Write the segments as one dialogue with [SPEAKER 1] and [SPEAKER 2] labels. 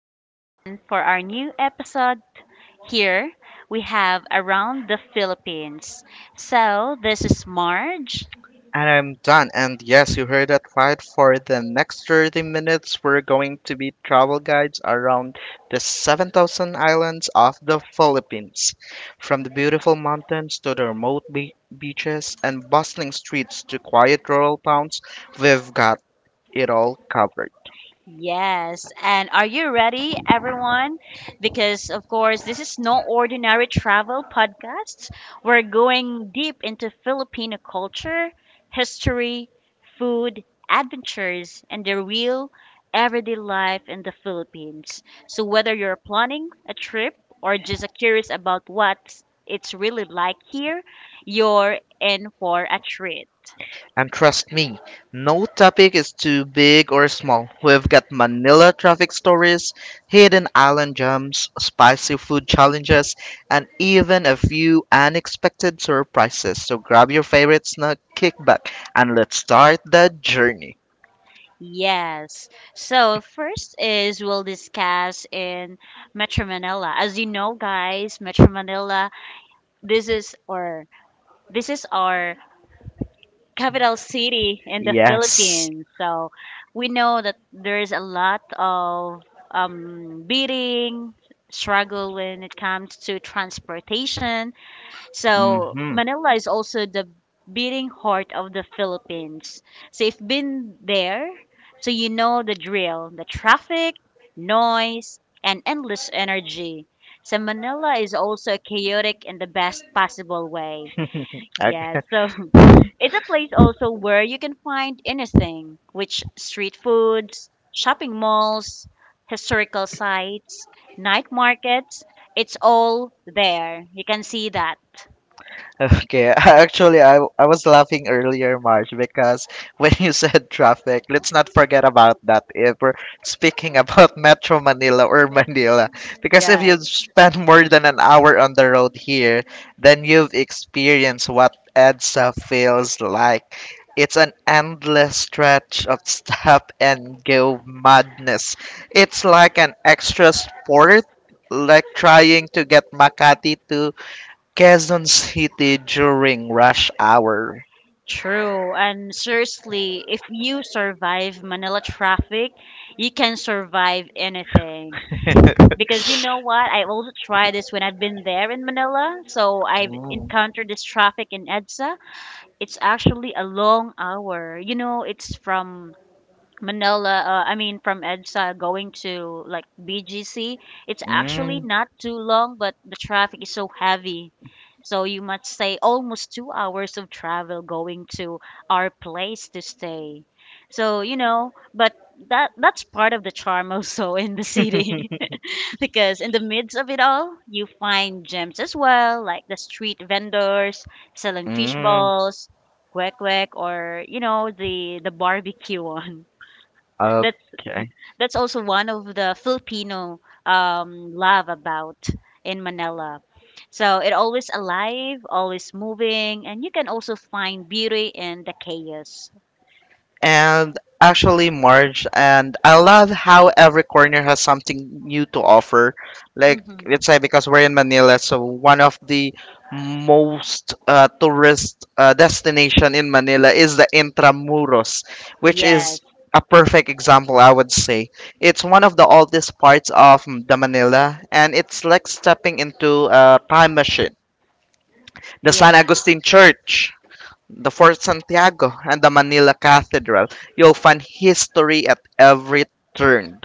[SPEAKER 1] everyone, for our new episode. Here we have Around the Philippines. So, this is Marge.
[SPEAKER 2] And I'm done. And yes, you heard that right. For the next 30 minutes, we're going to be travel guides around the 7,000 islands of the Philippines. From the beautiful mountains to the remote beaches and bustling streets to quiet rural towns, we've got it all covered.
[SPEAKER 1] Yes. And are you ready, everyone? Because, of course, this is no ordinary travel podcast. We're going deep into Filipino culture, history, food, adventures, and the real everyday life in the Philippines. So, whether you're planning a trip or just curious about what it's really like here, you're in for a treat.
[SPEAKER 2] And trust me, no topic is too big or small. We've got Manila traffic stories, hidden island gems, spicy food challenges, and even a few unexpected surprises. So grab your favorite snack, kick back, and let's start the journey.
[SPEAKER 1] Yes. So first is we'll discuss in Metro Manila. As you know, guys, Metro Manila, this is our this is our capital city in the
[SPEAKER 2] Yes.
[SPEAKER 1] Philippines. So we know that there is a lot of beating struggle when it comes to transportation, so
[SPEAKER 2] Mm-hmm.
[SPEAKER 1] Manila is also the beating heart of the Philippines. So you've been there, so you know the drill, the traffic, noise, and endless energy. So Manila is also chaotic in the best possible way. Yeah,
[SPEAKER 2] Okay.
[SPEAKER 1] so it's a place also where you can find anything, which street foods, shopping malls, historical sites, night markets, it's all there. You can see that.
[SPEAKER 2] Okay, actually, I was laughing earlier, March, because when you said traffic, let's not forget about that if we're speaking about Metro Manila or Manila. Because if
[SPEAKER 1] Yes.
[SPEAKER 2] you spend more than an hour on the road here, then you've experienced what EDSA feels like. It's an endless stretch of stop and go madness. It's like an extra sport, like trying to get Makati to Quezon City during rush hour.
[SPEAKER 1] True. And seriously, if you survive Manila traffic, you can survive anything. Because you know what? I also tried this when I've been there in Manila. So I've
[SPEAKER 2] Mm,
[SPEAKER 1] encountered this traffic in EDSA. It's actually a long hour. You know, it's from Manila, I mean from EDSA going to like BGC, it's actually
[SPEAKER 2] mm,
[SPEAKER 1] not too long, but the traffic is so heavy. So you must say almost 2 hours of travel going to our place to stay. So, but that's part of the charm also in the city. Because in the midst of it all, you find gems as well, like the street vendors selling fish
[SPEAKER 2] mm.
[SPEAKER 1] balls, kwek kwek, or the barbecue one. That's
[SPEAKER 2] Okay.
[SPEAKER 1] that's also one of the Filipino love about in Manila. So it always alive, always moving, and you can also find beauty in the chaos.
[SPEAKER 2] And actually Marge and I love how every corner has something new to offer. Like
[SPEAKER 1] Mhm.
[SPEAKER 2] let's say because we're in Manila, so one of the most tourist destination in Manila is the Intramuros, which
[SPEAKER 1] Yes,
[SPEAKER 2] is a perfect example I would say. It's one of the oldest parts of the Manila and it's like stepping into a time machine. The
[SPEAKER 1] yes.
[SPEAKER 2] San Agustin Church, the Fort Santiago, and the Manila Cathedral. You'll find history at every turn.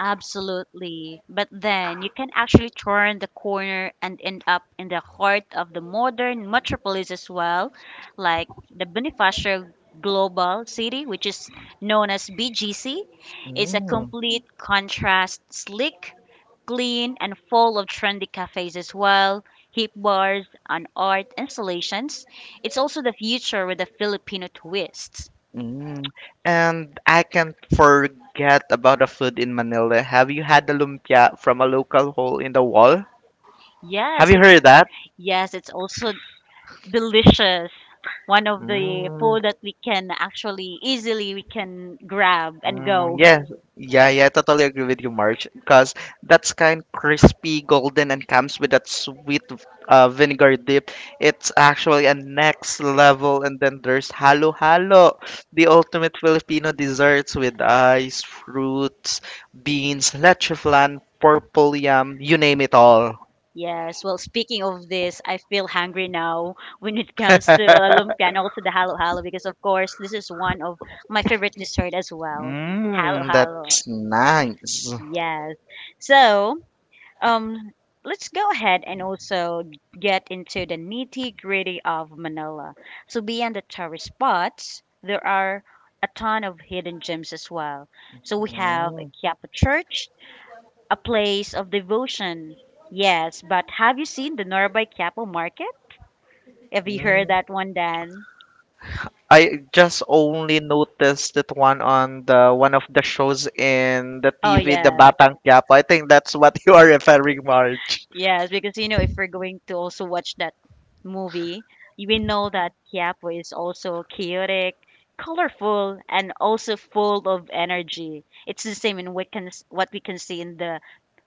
[SPEAKER 1] Absolutely. But then you can actually turn the corner and end up in the heart of the modern metropolis as well, like the Bonifacio Global City, which is known as BGC. It's a complete contrast, sleek, clean, and full of trendy cafes as well, hip bars, and art installations. It's also the future with a Filipino twist.
[SPEAKER 2] Mm. And I can't forget about the food in Manila. Have you had the lumpia from a local hole in the wall? Have
[SPEAKER 1] Yes,
[SPEAKER 2] you
[SPEAKER 1] it's
[SPEAKER 2] heard that?
[SPEAKER 1] Yes, it's also delicious, one of the
[SPEAKER 2] Mm.
[SPEAKER 1] food that we can actually easily we can grab and
[SPEAKER 2] Mm,
[SPEAKER 1] go.
[SPEAKER 2] yeah, yeah, yeah, I totally agree with you, March, because that's kind crispy, golden, and comes with that sweet vinegar dip. It's actually a next level. And then there's halo halo, the ultimate Filipino desserts with ice, fruits, beans, leche flan, purple yam, you name it all.
[SPEAKER 1] Yes, well, speaking of this, I feel hungry now when it comes to lumpia and also the halo halo, because of course this is one of my favorite dessert as well. Halo
[SPEAKER 2] Mmm,
[SPEAKER 1] halo.
[SPEAKER 2] that's nice.
[SPEAKER 1] Yes. So Um, let's go ahead and also get into the nitty-gritty of Manila. So beyond the tourist spots, there are a ton of hidden gems as well. So we have a
[SPEAKER 2] Mm,
[SPEAKER 1] Quiapo Church, a place of devotion. Yes, but have you seen the Norabay Quiapo Market? Have you heard
[SPEAKER 2] mm.
[SPEAKER 1] that one, Dan?
[SPEAKER 2] I just only noticed that one on the one of the shows in the
[SPEAKER 1] Oh,
[SPEAKER 2] TV, the
[SPEAKER 1] yes.
[SPEAKER 2] Batang Quiapo. I think that's what you are referring, March.
[SPEAKER 1] Yes, because if we're going to also watch that movie, we know that Quiapo is also chaotic, colorful, and also full of energy. It's the same in what we can see in the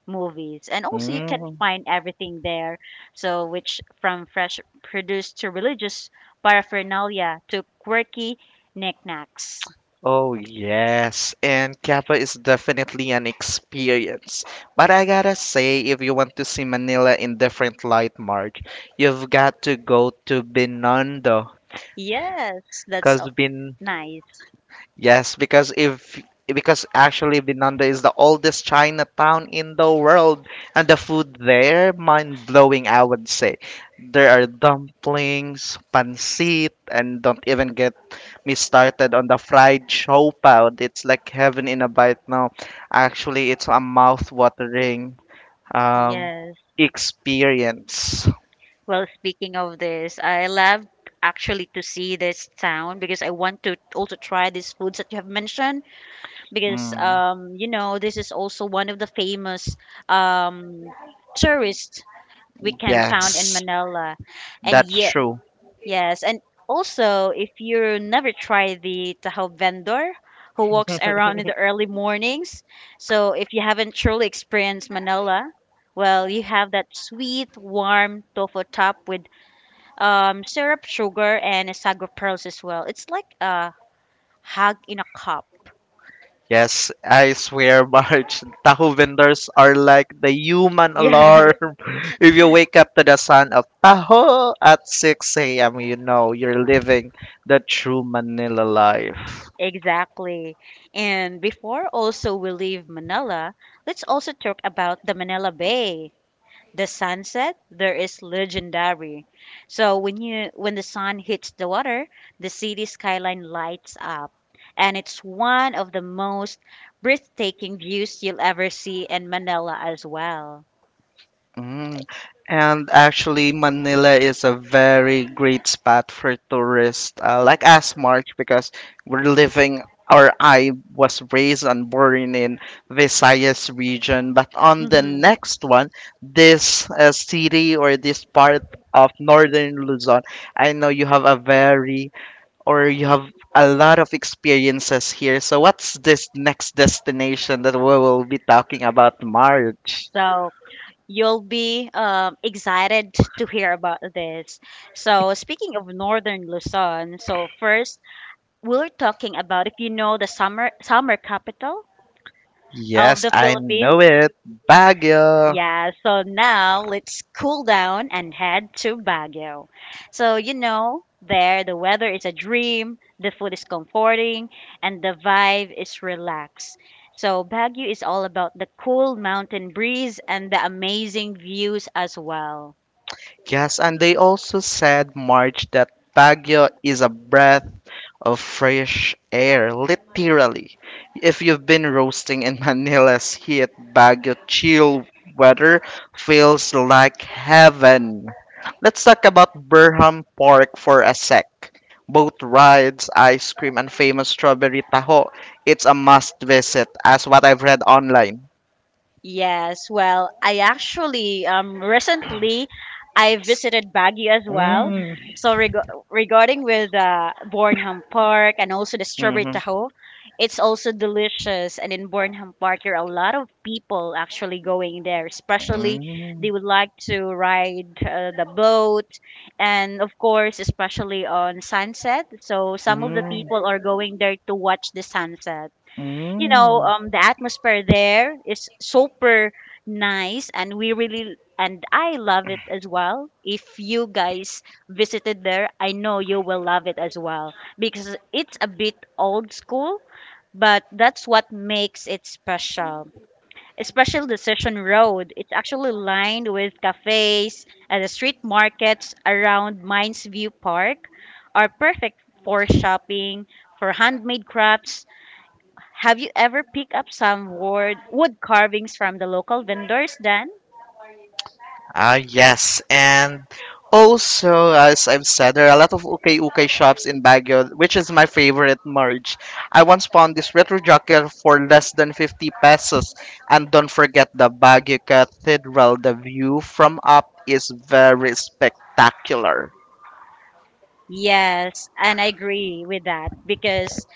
[SPEAKER 1] movies, and also you can
[SPEAKER 2] Mm.
[SPEAKER 1] find everything there. So, which from fresh produce to religious paraphernalia to quirky knickknacks.
[SPEAKER 2] Oh yes, and Quiapo is definitely an experience. But I gotta say, if you want to see Manila in different light, March, you've got to go to Binondo.
[SPEAKER 1] Yes,
[SPEAKER 2] Cause Bin
[SPEAKER 1] nice.
[SPEAKER 2] Yes, because if because actually Binondo is the oldest Chinatown in the world, and the food there mind blowing. I would say there are dumplings, pancit, and don't even get me started on the fried shopao. It's like heaven in a bite now. Actually, it's a mouth-watering um,
[SPEAKER 1] Yes.
[SPEAKER 2] experience.
[SPEAKER 1] Well, speaking of this, I love actually to see this town because I want to also try these foods that you have mentioned because
[SPEAKER 2] Mm,
[SPEAKER 1] you know this is also one of the famous um tourist we can found in
[SPEAKER 2] yes,
[SPEAKER 1] Manila. And
[SPEAKER 2] that's
[SPEAKER 1] yet
[SPEAKER 2] true.
[SPEAKER 1] yes, and also if you never try the taho vendor who walks around in the early mornings, so if you haven't truly experienced Manila, well, you have that sweet, warm tofu top with syrup, sugar, and a sago pearls as well. It's like a hug in a cup.
[SPEAKER 2] Yes, I swear, March, tahu vendors are like the human
[SPEAKER 1] Yes,
[SPEAKER 2] alarm. If you wake up to the sound of taho at 6 a.m., you know you're living the true Manila life.
[SPEAKER 1] exactly. And before also we leave Manila, let's also talk about the Manila Bay. The sunset there is legendary. So when the sun hits the water, the city skyline lights up. And it's one of the most breathtaking views you'll ever see in Manila as well.
[SPEAKER 2] Mm. And actually, Manila is a very great spot for tourists, like us, Mark, because we're living, or I was raised and born in Visayas region. But on the
[SPEAKER 1] Mhm.
[SPEAKER 2] next one, this city or this part of northern Luzon, I know you have a very, or you have a lot of experiences here. So what's this next destination that we will be talking about, March?
[SPEAKER 1] So you'll be excited to hear about this. So speaking of northern Luzon, so first we're talking about if you know the summer capital of
[SPEAKER 2] Yes,
[SPEAKER 1] the
[SPEAKER 2] I know
[SPEAKER 1] Philippines.
[SPEAKER 2] it. Baguio.
[SPEAKER 1] Yeah, so now let's cool down and head to Baguio. So, there the weather is a dream, the food is comforting, and the vibe is relaxed. So, Baguio is all about the cool mountain breeze and the amazing views as well.
[SPEAKER 2] Yes, and they also said, March, that Baguio is a breath of fresh air, literally. If you've been roasting in Manila's heat, Baguio chill weather feels like heaven. Let's talk about Burham Park for a sec. Boat rides, ice cream, and famous strawberry taho. It's a must visit, as what I've read online.
[SPEAKER 1] Yes, well, I actually recently I visited Baguio as well.
[SPEAKER 2] Mm.
[SPEAKER 1] So regarding with Bornham Park and also the Strawberry Tahoe, it's also delicious. And in Bornham Park, there are a lot of people actually going there. Especially,
[SPEAKER 2] Mm,
[SPEAKER 1] they would like to ride the boat, and of course, especially on sunset. So some of the
[SPEAKER 2] mm,
[SPEAKER 1] people are going there to watch the sunset.
[SPEAKER 2] mm.
[SPEAKER 1] The atmosphere there is super nice, and we really and I love it as well. If you guys visited there, I know you will love it as well because it's a bit old school, but that's what makes it special. Especially the Session Road. It's actually lined with cafes and the street markets around Mines View Park are perfect for shopping, for handmade crafts. Have you ever picked up some wood carvings from the local vendors, Dan?
[SPEAKER 2] Ah, yes. And also, as I've said, there are a lot of ukay ukay shops in Baguio, which is my favorite merge. I once found this retro jacket for less than 50 pesos. And don't forget the Baguio Cathedral. The view from up is very spectacular.
[SPEAKER 1] Yes, and I agree with that because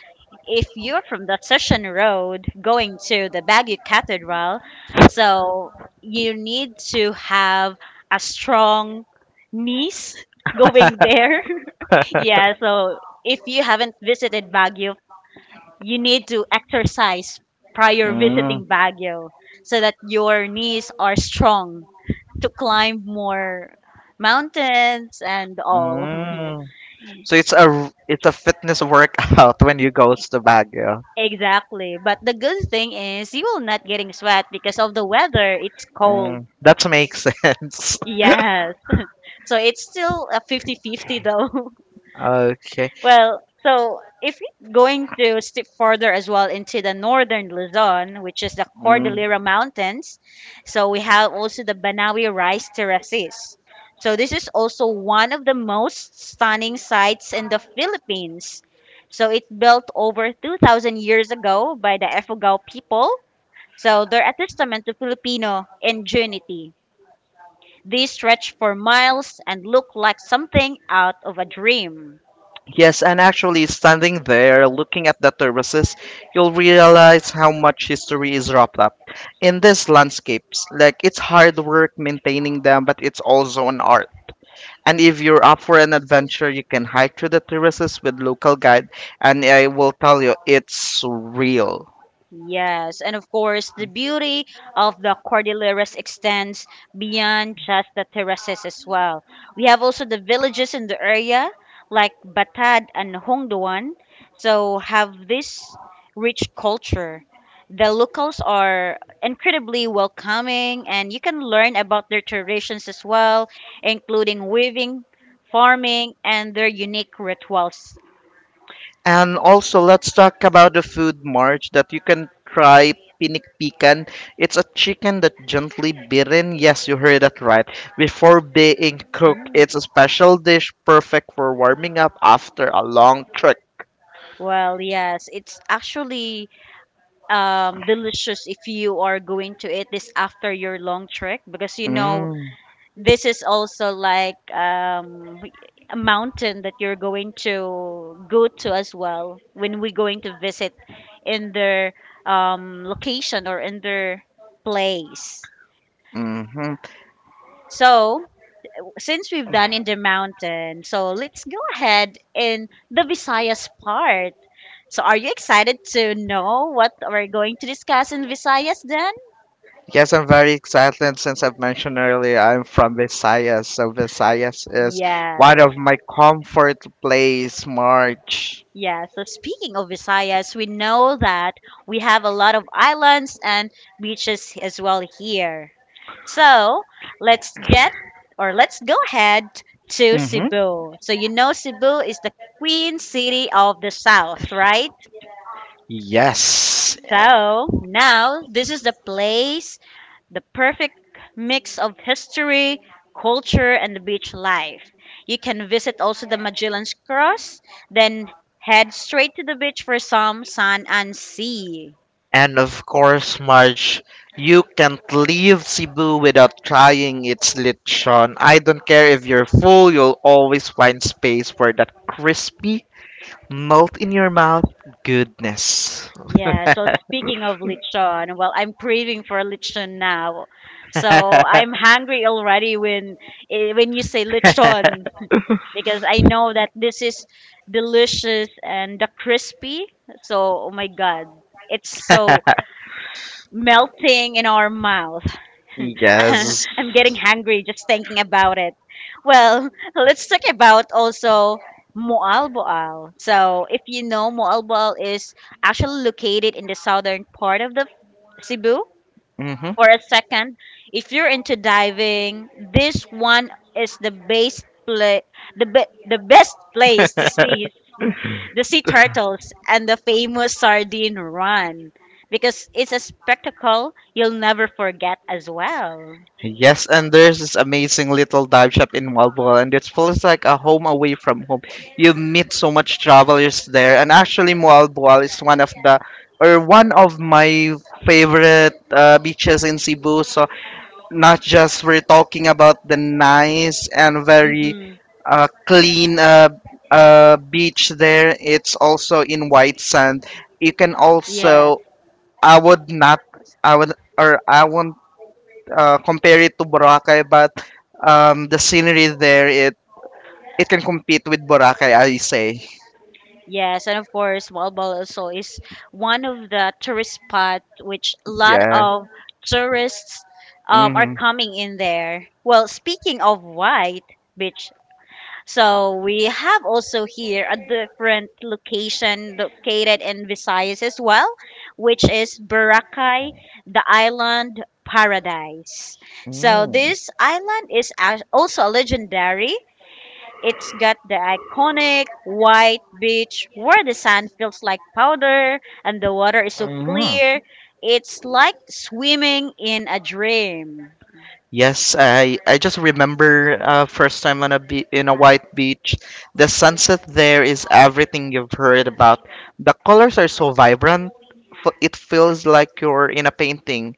[SPEAKER 1] if you're from the Session Road going to the Baguio Cathedral, so you need to have a strong niece going there. Yeah, so if you haven't visited Baguio, you need to exercise prior
[SPEAKER 2] Mm.
[SPEAKER 1] visiting Baguio so that your knees are strong to climb more mountains and all.
[SPEAKER 2] Mm. So it's a fitness workout when you goes to Baguio.
[SPEAKER 1] Exactly. But the good thing is you will not getting sweat because of the weather. It's cold.
[SPEAKER 2] Mm. That makes sense.
[SPEAKER 1] Yes. So it's still a fifty-fifty though.
[SPEAKER 2] Okay.
[SPEAKER 1] Well, so if you're going to step further as well into the northern Luzon, which is the
[SPEAKER 2] Mm.
[SPEAKER 1] Cordillera Mountains, so we have also the Banawi Rice Terraces. So this is also one of the most stunning sites in the Philippines. So it built over 2,000 years ago by the Efugao people. So they're a testament to Filipino ingenuity. These stretch for miles and look like something out of a dream.
[SPEAKER 2] Yes, and actually standing there looking at the terraces, you'll realize how much history is wrapped up in these landscapes. Like it's hard work maintaining them, but it's also an art. And if you're up for an adventure, you can hike through the terraces with local guide, and I will tell you it's real.
[SPEAKER 1] Yes, and of course, the beauty of the Cordilleras extends beyond just the terraces as well. We have also the villages in the area, like Batad and Hongduan, so have this rich culture. The locals are incredibly welcoming, and you can learn about their traditions as well, including weaving, farming, and their unique rituals.
[SPEAKER 2] And also, let's talk about the food march that you can try pinikpikan. It's a chicken that gently beaten. Yes, you heard that right. Before being cooked, it's
[SPEAKER 1] Mm.
[SPEAKER 2] a special dish perfect for warming up after a long trek.
[SPEAKER 1] Well, yes, it's actually delicious if you are going to eat this after your long trek because you know
[SPEAKER 2] Mm.
[SPEAKER 1] this is also like a mountain that you're going to go to as well when we're going to visit in their location or in their place.
[SPEAKER 2] Mm-hmm.
[SPEAKER 1] So, since we've done in the mountain, so let's go ahead in the Visayas part. So, are you excited to know what we're going to discuss in Visayas, Dan?
[SPEAKER 2] Yes, I'm very excited since I've mentioned earlier I'm from Visayas. So Visayas is one
[SPEAKER 1] Yes.
[SPEAKER 2] of my comfort place, March.
[SPEAKER 1] Yeah, so speaking of Visayas, we know that we have a lot of islands and beaches as well here. So let's get or let's go ahead to
[SPEAKER 2] Mm-hmm.
[SPEAKER 1] Cebu. So you know Cebu is the queen city of the south, right?
[SPEAKER 2] Yes.
[SPEAKER 1] So now this is the place, the perfect mix of history, culture, and beach life. You can visit also the Magellan's Cross, then head straight to the beach for some sun and sea.
[SPEAKER 2] And of course, Marge, you can't leave Cebu without trying its lechon. I don't care if you're full, you'll always find space for that crispy, melt in your mouth goodness.
[SPEAKER 1] Yeah, so speaking of lechon, well, I'm craving for lechon now. So I'm hungry already when you say lechon because I know that this is delicious and the crispy. So, oh my God, it's so melting in our mouth.
[SPEAKER 2] Yes.
[SPEAKER 1] I'm getting hungry just thinking about it. Well, let's talk about also Moalboal. So, if you know, Moalboal is actually located in the southern part of the Cebu.
[SPEAKER 2] hmm
[SPEAKER 1] For a second, if you're into diving, this one is the best place to see the sea turtles and the famous sardine run because it's a spectacle you'll never forget as well.
[SPEAKER 2] Yes, and there's this amazing little dive shop in Walbora, and it feels like a home away from home. You meet so much travelers there, and actually, Walbora is one of the or one of my favorite beaches in Cebu. So not just we're talking about the nice and very
[SPEAKER 1] Mm-hmm.
[SPEAKER 2] clean beach there. It's also in white sand. You can
[SPEAKER 1] Yes.
[SPEAKER 2] also I would not I would or I won't compare it to Boracay, but the scenery there it can compete with Boracay, I say.
[SPEAKER 1] Yes, and of course, Walbal also is one of the tourist spot which a lot
[SPEAKER 2] Yeah.
[SPEAKER 1] of tourists are
[SPEAKER 2] Mm-hmm.
[SPEAKER 1] coming in there. Well, speaking of white beach. So we have also here a different location located in Visayas as well, which is Boracay, the island paradise. So
[SPEAKER 2] Mm.
[SPEAKER 1] this island is also legendary. It's got the iconic white beach where the sand feels like powder and the water is so
[SPEAKER 2] Mm.
[SPEAKER 1] clear. It's like swimming in a dream.
[SPEAKER 2] Yes, I just remember first time on a in a white beach. The sunset there is everything you've heard about. The colors are so vibrant. It feels like you're in a painting.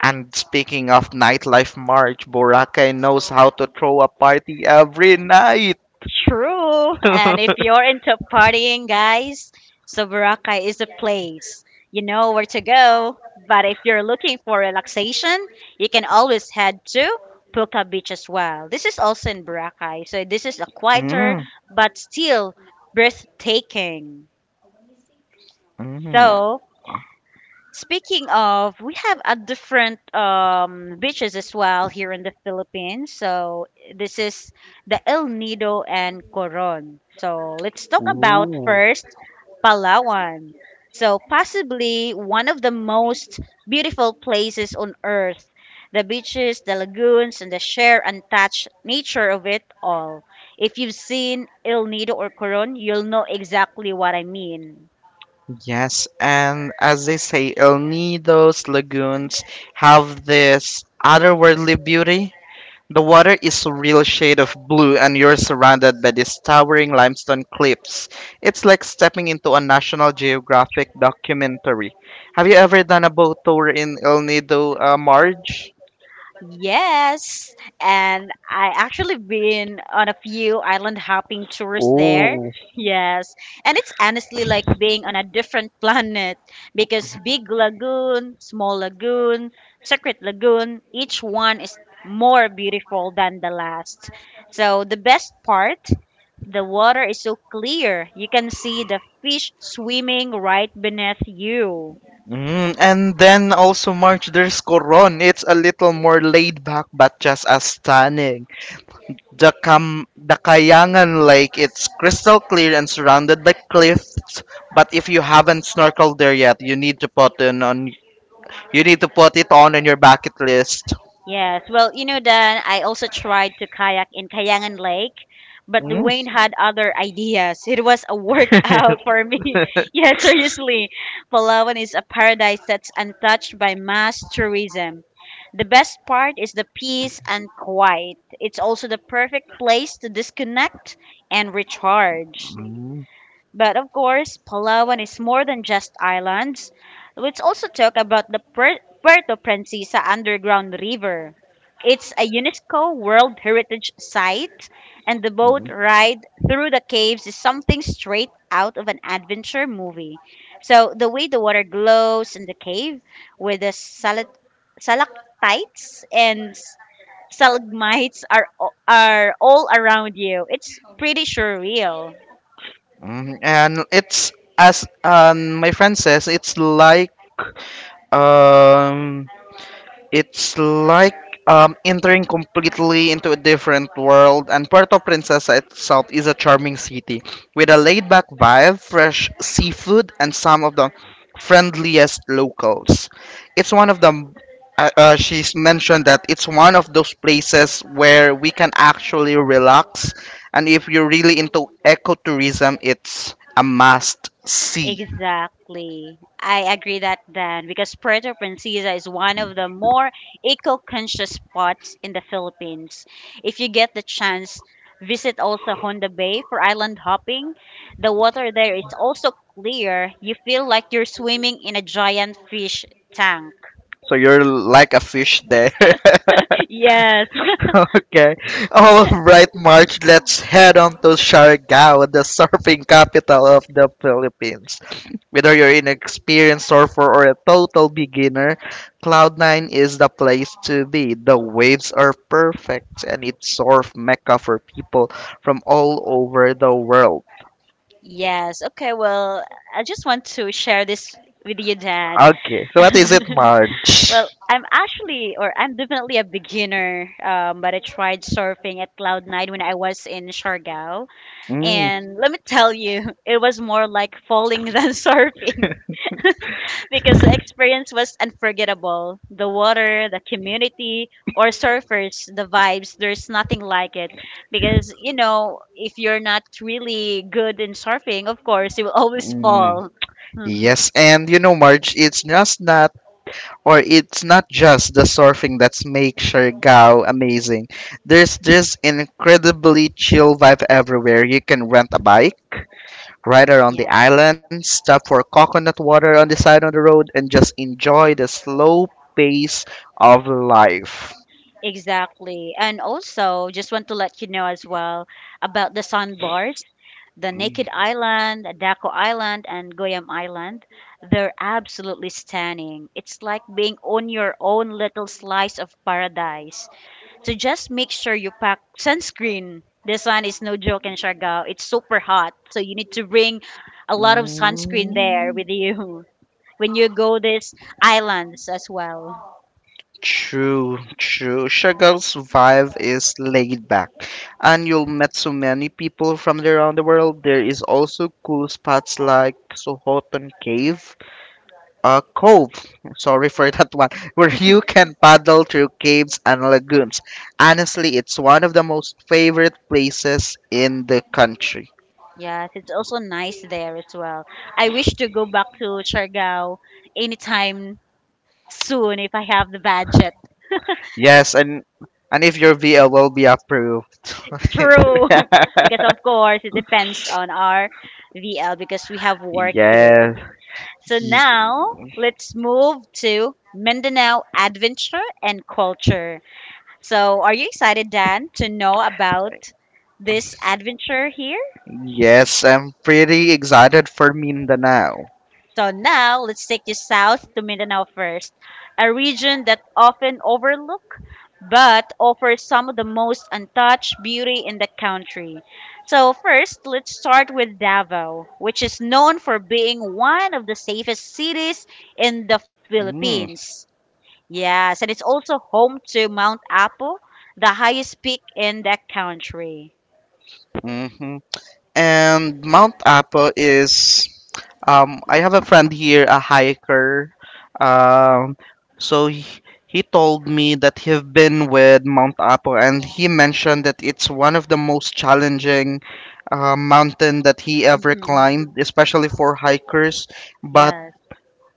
[SPEAKER 2] And speaking of nightlife, March Boracay knows how to throw a party every night.
[SPEAKER 1] True. And if you're into partying, guys, so Boracay is a place. You know where to go. But if you're looking for relaxation, you can always head to Puka Beach as well. This is also in Boracay. So this is a quieter
[SPEAKER 2] Mm.
[SPEAKER 1] but still breathtaking.
[SPEAKER 2] Mm,
[SPEAKER 1] So Speaking of, we have a different beaches as well here in the Philippines. So this is the El Nido and Coron. So let's talk about
[SPEAKER 2] ooh,
[SPEAKER 1] first Palawan. So possibly one of the most beautiful places on earth. The beaches, the lagoons, and the sheer untouched nature of it all. If you've seen El Nido or Coron, you'll know exactly what I mean.
[SPEAKER 2] yes, and as they say, El Nido's lagoons have this otherworldly beauty. The water is a real shade of blue, and you're surrounded by these towering limestone cliffs. It's like stepping into a National Geographic documentary. Have you ever done a boat tour in El Nido, Marge?
[SPEAKER 1] Yes, and I actually been on a few island hopping tours there.
[SPEAKER 2] Oh,
[SPEAKER 1] Yes, and it's honestly like being on a different planet because big lagoon, small lagoon, secret lagoon, each one is more beautiful than the last. So the best part, the water is so clear. You can see the fish swimming right beneath you.
[SPEAKER 2] and then also March, there's Coron. It's a little more laid back, but just as stunning. The Kayangan Lake, it's crystal clear and surrounded by cliffs. But if you haven't snorkeled there yet, you need to put it on in your bucket list.
[SPEAKER 1] Yes, well, you know, Dan, I also tried to kayak in Kayangan Lake, but
[SPEAKER 2] Mm.
[SPEAKER 1] Dwayne had other ideas. It was a workout for me. Yeah, seriously. Palawan is a paradise that's untouched by mass tourism. The best part is the peace and quiet. It's also the perfect place to disconnect and recharge. But of course, Palawan is more than just islands. Let's also talk about the Puerto Princesa Underground River. It's a UNESCO World Heritage Site, and the boat ride through the caves is something straight out of an adventure movie. So, the way the water glows in the cave with the stalactites and stalagmites are all around you, it's pretty surreal.
[SPEAKER 2] Mm, and it's as my friend says, it's like um it's like entering completely into a different world, and Puerto Princesa itself is a charming city with a laid back vibe, fresh seafood, and some of the friendliest locals. It's one of the she's mentioned that it's one of those places where we can actually relax, and if you're really into ecotourism, it's a must see.
[SPEAKER 1] Exactly. I agree that then because Puerto Princesa is one of the more eco-conscious spots in the Philippines. If you get the chance, visit also Honda Bay for island hopping. The water there is also clear. You feel like you're swimming in a giant fish tank.
[SPEAKER 2] So you're like a fish there.
[SPEAKER 1] Yes.
[SPEAKER 2] Okay. All right, March, let's head on to Siargao, the surfing capital of the Philippines. Whether you're an experienced surfer or a total beginner, Cloud 9 is the place to be. The waves are perfect and it's surf mecca for people from all over the world.
[SPEAKER 1] Yes. Okay, well, I just want to share this with you, Dan.
[SPEAKER 2] Okay, so what is it, March?
[SPEAKER 1] Well, I'm actually, or I'm definitely a beginner, but I tried surfing at Cloud Nine when I was in Siargao.
[SPEAKER 2] Mm,
[SPEAKER 1] And let me tell you, it was more like falling than surfing because the experience was unforgettable. The water, the community, or surfers, the vibes, there's nothing like it. Because, you know, if you're not really good in surfing, of course, you will always
[SPEAKER 2] mm.
[SPEAKER 1] fall. Hmm,
[SPEAKER 2] Yes, and you know, Marge, it's just not or it's not just the surfing that's make Siargao amazing. There's this incredibly chill vibe everywhere. You can rent a bike, ride around the
[SPEAKER 1] yeah.
[SPEAKER 2] island, stop for coconut water on the side of the road, and just enjoy the slow pace of life.
[SPEAKER 1] Exactly. And also, just want to let you know as well about the sandbars, the Naked Island, Daco Island, and Goyam Island. They're absolutely stunning. It's like being on your own little slice of paradise. So just make sure you pack sunscreen. The sun is no joke in Siargao. It's super hot. So you need to bring a lot of sunscreen there
[SPEAKER 2] Mm.
[SPEAKER 1] with you when you go these islands as well.
[SPEAKER 2] True, true. Shagal's vibe is laid back, and you'll meet so many people from around the world. There is also cool spots like Sohotan Cave, Cove, sorry for that one, where you can paddle through caves and lagoons. Honestly, it's one of the most favorite places in the country.
[SPEAKER 1] Yes, it's also nice there as well. I wish to go back to Siargao anytime soon if I have the budget.
[SPEAKER 2] Yes, and if your VL will be approved.
[SPEAKER 1] True. Because of course it depends on our VL because we have work here.
[SPEAKER 2] Yes.
[SPEAKER 1] So now let's move to Mindanao adventure and culture. So are you excited, Dan, to know about this adventure here?
[SPEAKER 2] Yes, I'm pretty excited for Mindanao.
[SPEAKER 1] So now let's take you south to Mindanao first, a region that often overlooked but offers some of the most untouched beauty in the country. So first, let's start with Davao, which is known for being one of the safest cities in the
[SPEAKER 2] Mm,
[SPEAKER 1] Philippines. Yes, and it's also home to Mount Apo, the highest peak in the country.
[SPEAKER 2] hmm And Mount Apo is, I have a friend here, a hiker. Um, so he told me that he've been with Mount Apo, and he mentioned that it's one of the most challenging mountain that he ever
[SPEAKER 1] Mhm.
[SPEAKER 2] climbed, especially for hikers. But
[SPEAKER 1] Yes.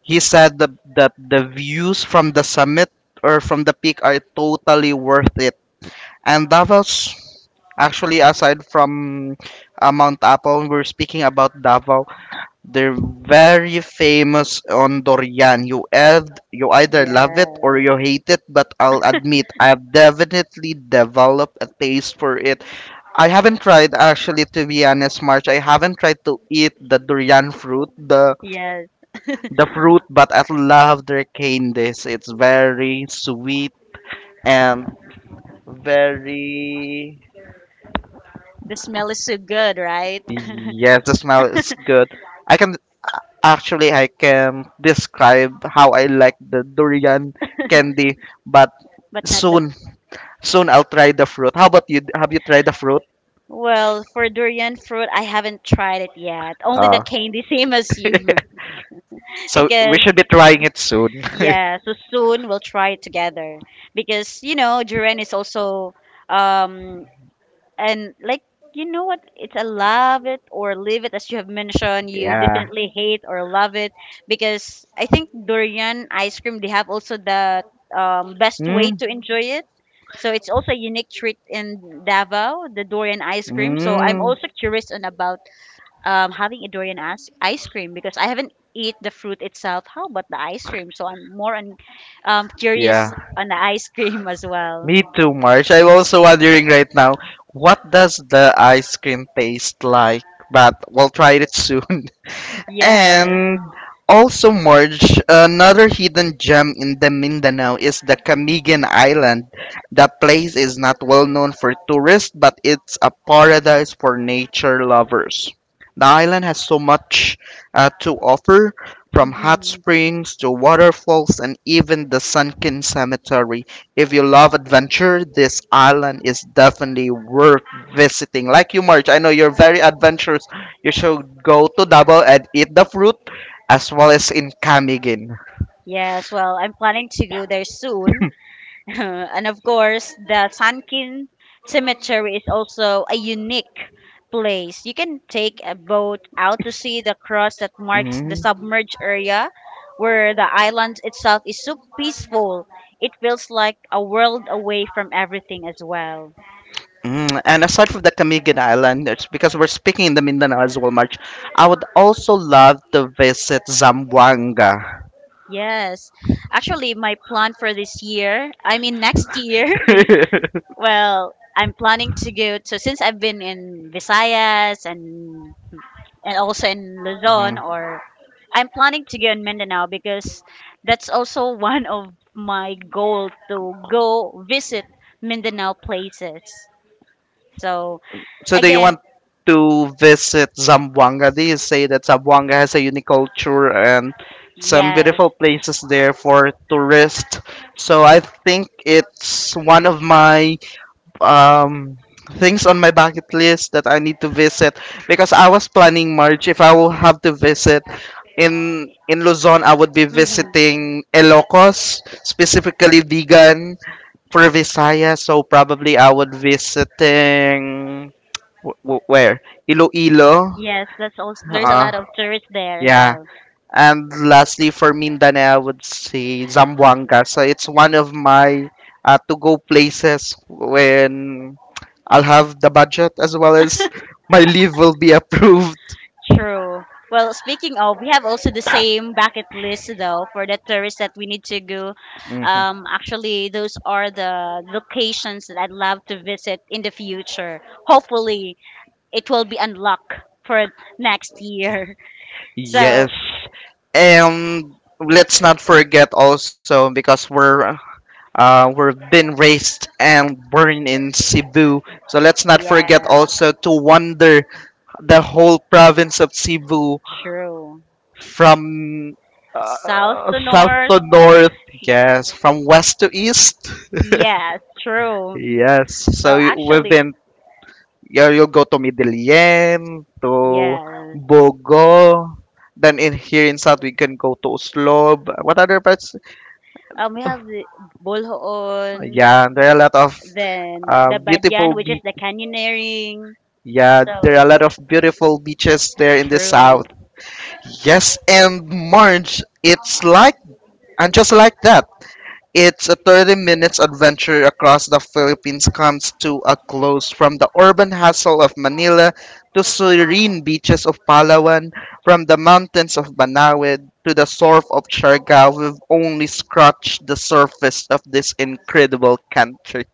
[SPEAKER 2] he said that the views from the summit or from the peak are totally worth it. And Davos, actually, aside from Mount Apo, we're speaking about Davao. They're very famous on durian. You either love it or
[SPEAKER 1] Yes.
[SPEAKER 2] you hate it, but I'll admit, I've definitely developed a taste for it. I haven't tried, actually, to be honest, March. I haven't tried to eat the durian fruit,
[SPEAKER 1] Yes,
[SPEAKER 2] the fruit, but I love their candies. It's very sweet and very
[SPEAKER 1] the smell is so good, right?
[SPEAKER 2] yes, the smell is good. I can Actually I can describe how I like the durian candy, but
[SPEAKER 1] But not the.
[SPEAKER 2] soon soon I'll try the fruit. How about you? Have you tried the fruit?
[SPEAKER 1] Well, for durian fruit, I haven't tried it yet. Only the
[SPEAKER 2] Oh,
[SPEAKER 1] candy, same as you.
[SPEAKER 2] so we
[SPEAKER 1] Because
[SPEAKER 2] should be trying it soon.
[SPEAKER 1] yeah, so soon we'll try it together. Because you know, durian is also um and like you know what, it's a love it or leave it, as you have mentioned, you
[SPEAKER 2] Yeah.
[SPEAKER 1] definitely hate or love it because I think durian ice cream, they have also the best way
[SPEAKER 2] Mm,
[SPEAKER 1] to enjoy it. So it's also a unique treat in Davao, the durian ice cream. So I'm
[SPEAKER 2] mm,
[SPEAKER 1] also curious on about having a durian ice cream because I haven't eat the fruit itself. How about the ice cream? So I'm more on curious
[SPEAKER 2] yeah.
[SPEAKER 1] on the ice cream as well.
[SPEAKER 2] Me too, March. I'm also wondering right now, what does the ice cream taste like? But we'll try it soon.
[SPEAKER 1] Yes.
[SPEAKER 2] And also, Marge, another hidden gem in the Mindanao is the Camigan Island. The place is not well known for tourists, but it's a paradise for nature lovers. The island has so much to offer, from hot
[SPEAKER 1] Hmm.
[SPEAKER 2] springs to waterfalls and even the sunken cemetery. If you love adventure, this island is definitely worth visiting. Like you, Marge, I know you're very adventurous you should go to Davao and eat the fruit as well as in Camigin.
[SPEAKER 1] Yes, well, I'm planning to go there soon. And of course, the Sankin Cemetery is also a unique place. You can take a boat out to see the cross that marks the
[SPEAKER 2] Mm.
[SPEAKER 1] submerged area where the island itself is so peaceful. It feels like a world away from everything as well.
[SPEAKER 2] Mm, and aside from the Camiguin Island, it's because we're speaking in the Mindanao as well, March, I would also love to visit Zamboanga.
[SPEAKER 1] Yes. Actually, my plan for this year, I mean next year, well, I'm planning to go to, since I've been in Visayas and also in
[SPEAKER 2] Mhm.
[SPEAKER 1] Luzon, or I'm planning to go in Mindanao because that's also one of my goal to go visit Mindanao places. So
[SPEAKER 2] So do you
[SPEAKER 1] again,
[SPEAKER 2] want to visit Zamboanga? Do you say that Zamboanga has a unique culture and some
[SPEAKER 1] yes.
[SPEAKER 2] beautiful places there for tourists? So I think it's one of my um things on my bucket list that I need to visit because I was planning March if I will have to visit in Luzon I would be visiting Ilocos specifically Vigan for Visayas so probably I would visiting Wh- wh- where Iloilo.
[SPEAKER 1] Yes, that's also there's a
[SPEAKER 2] Uh,
[SPEAKER 1] lot of tourists there as
[SPEAKER 2] yeah.
[SPEAKER 1] well.
[SPEAKER 2] And lastly, for Mindanao, I would say Zamboanga. So it's one of my to-go places when I'll have the budget as well as my leave will be approved.
[SPEAKER 1] True. Well, speaking of, we have also the same bucket list though for the tourists that we need to go.
[SPEAKER 2] hmm
[SPEAKER 1] Actually, those are the locations that I'd love to visit in the future. Hopefully, it will be unlocked for next year.
[SPEAKER 2] Yes.
[SPEAKER 1] So,
[SPEAKER 2] And let's not forget also because we're we've been raised and born in Cebu. So let's not forget
[SPEAKER 1] yeah,
[SPEAKER 2] also to wander the whole province of Cebu
[SPEAKER 1] true.
[SPEAKER 2] from
[SPEAKER 1] South to
[SPEAKER 2] south
[SPEAKER 1] north.
[SPEAKER 2] to north. Yes, from west to east.
[SPEAKER 1] Yes, true.
[SPEAKER 2] Yes. So
[SPEAKER 1] Well,
[SPEAKER 2] you-
[SPEAKER 1] actually,
[SPEAKER 2] within Yeah, you'll go to Medellin, to
[SPEAKER 1] yes.
[SPEAKER 2] Bogo. Then in here in south we can go to Oslob. What other parts?
[SPEAKER 1] We have the Bulhoon,
[SPEAKER 2] Yeah, there are a lot of
[SPEAKER 1] then the Badyan,
[SPEAKER 2] beautiful
[SPEAKER 1] which is
[SPEAKER 2] beach.
[SPEAKER 1] the canyoneering.
[SPEAKER 2] Yeah, there are
[SPEAKER 1] So
[SPEAKER 2] a lot of beautiful beaches there in the south.
[SPEAKER 1] true.
[SPEAKER 2] Yes, and Marge, it's like and just like that. It's a 30 minutes adventure across the Philippines comes to a close from the urban hustle of Manila to serene beaches of Palawan, from the mountains of Banawid to the surf of Siargao. We've only scratched the surface of this incredible country.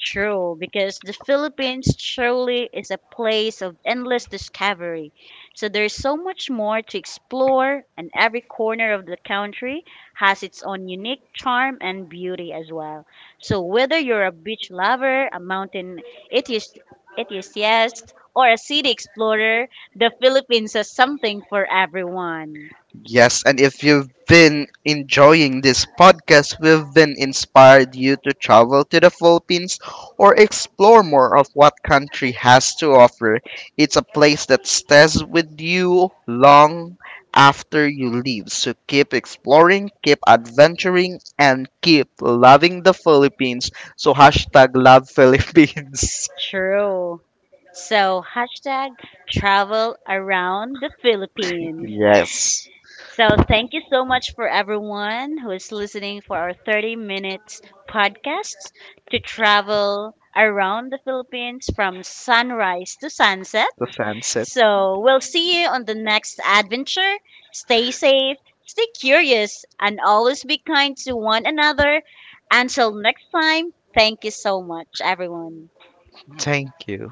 [SPEAKER 1] True, because the Philippines truly is a place of endless discovery. So there's so much more to explore, and every corner of the country has its own unique charm and beauty as well. So whether you're a beach lover, a mountain enthusi- enthusiast, or a city explorer, the Philippines has something for everyone.
[SPEAKER 2] Yes, and if you've been enjoying this podcast, we've been inspired you to travel to the Philippines or explore more of what country has to offer. It's a place that stays with you long after you leave. So keep exploring, keep adventuring, and keep loving the Philippines. So hashtag love Philippines.
[SPEAKER 1] True. So hashtag travel around the Philippines.
[SPEAKER 2] Yes,
[SPEAKER 1] So, thank you so much for everyone who is listening for our 30-minute minutes podcast to travel around the Philippines from sunrise to sunset.
[SPEAKER 2] the sunset.
[SPEAKER 1] So, we'll see you on the next adventure. Stay safe, stay curious, and always be kind to one another. Until next time, thank you so much, everyone.
[SPEAKER 2] Thank you.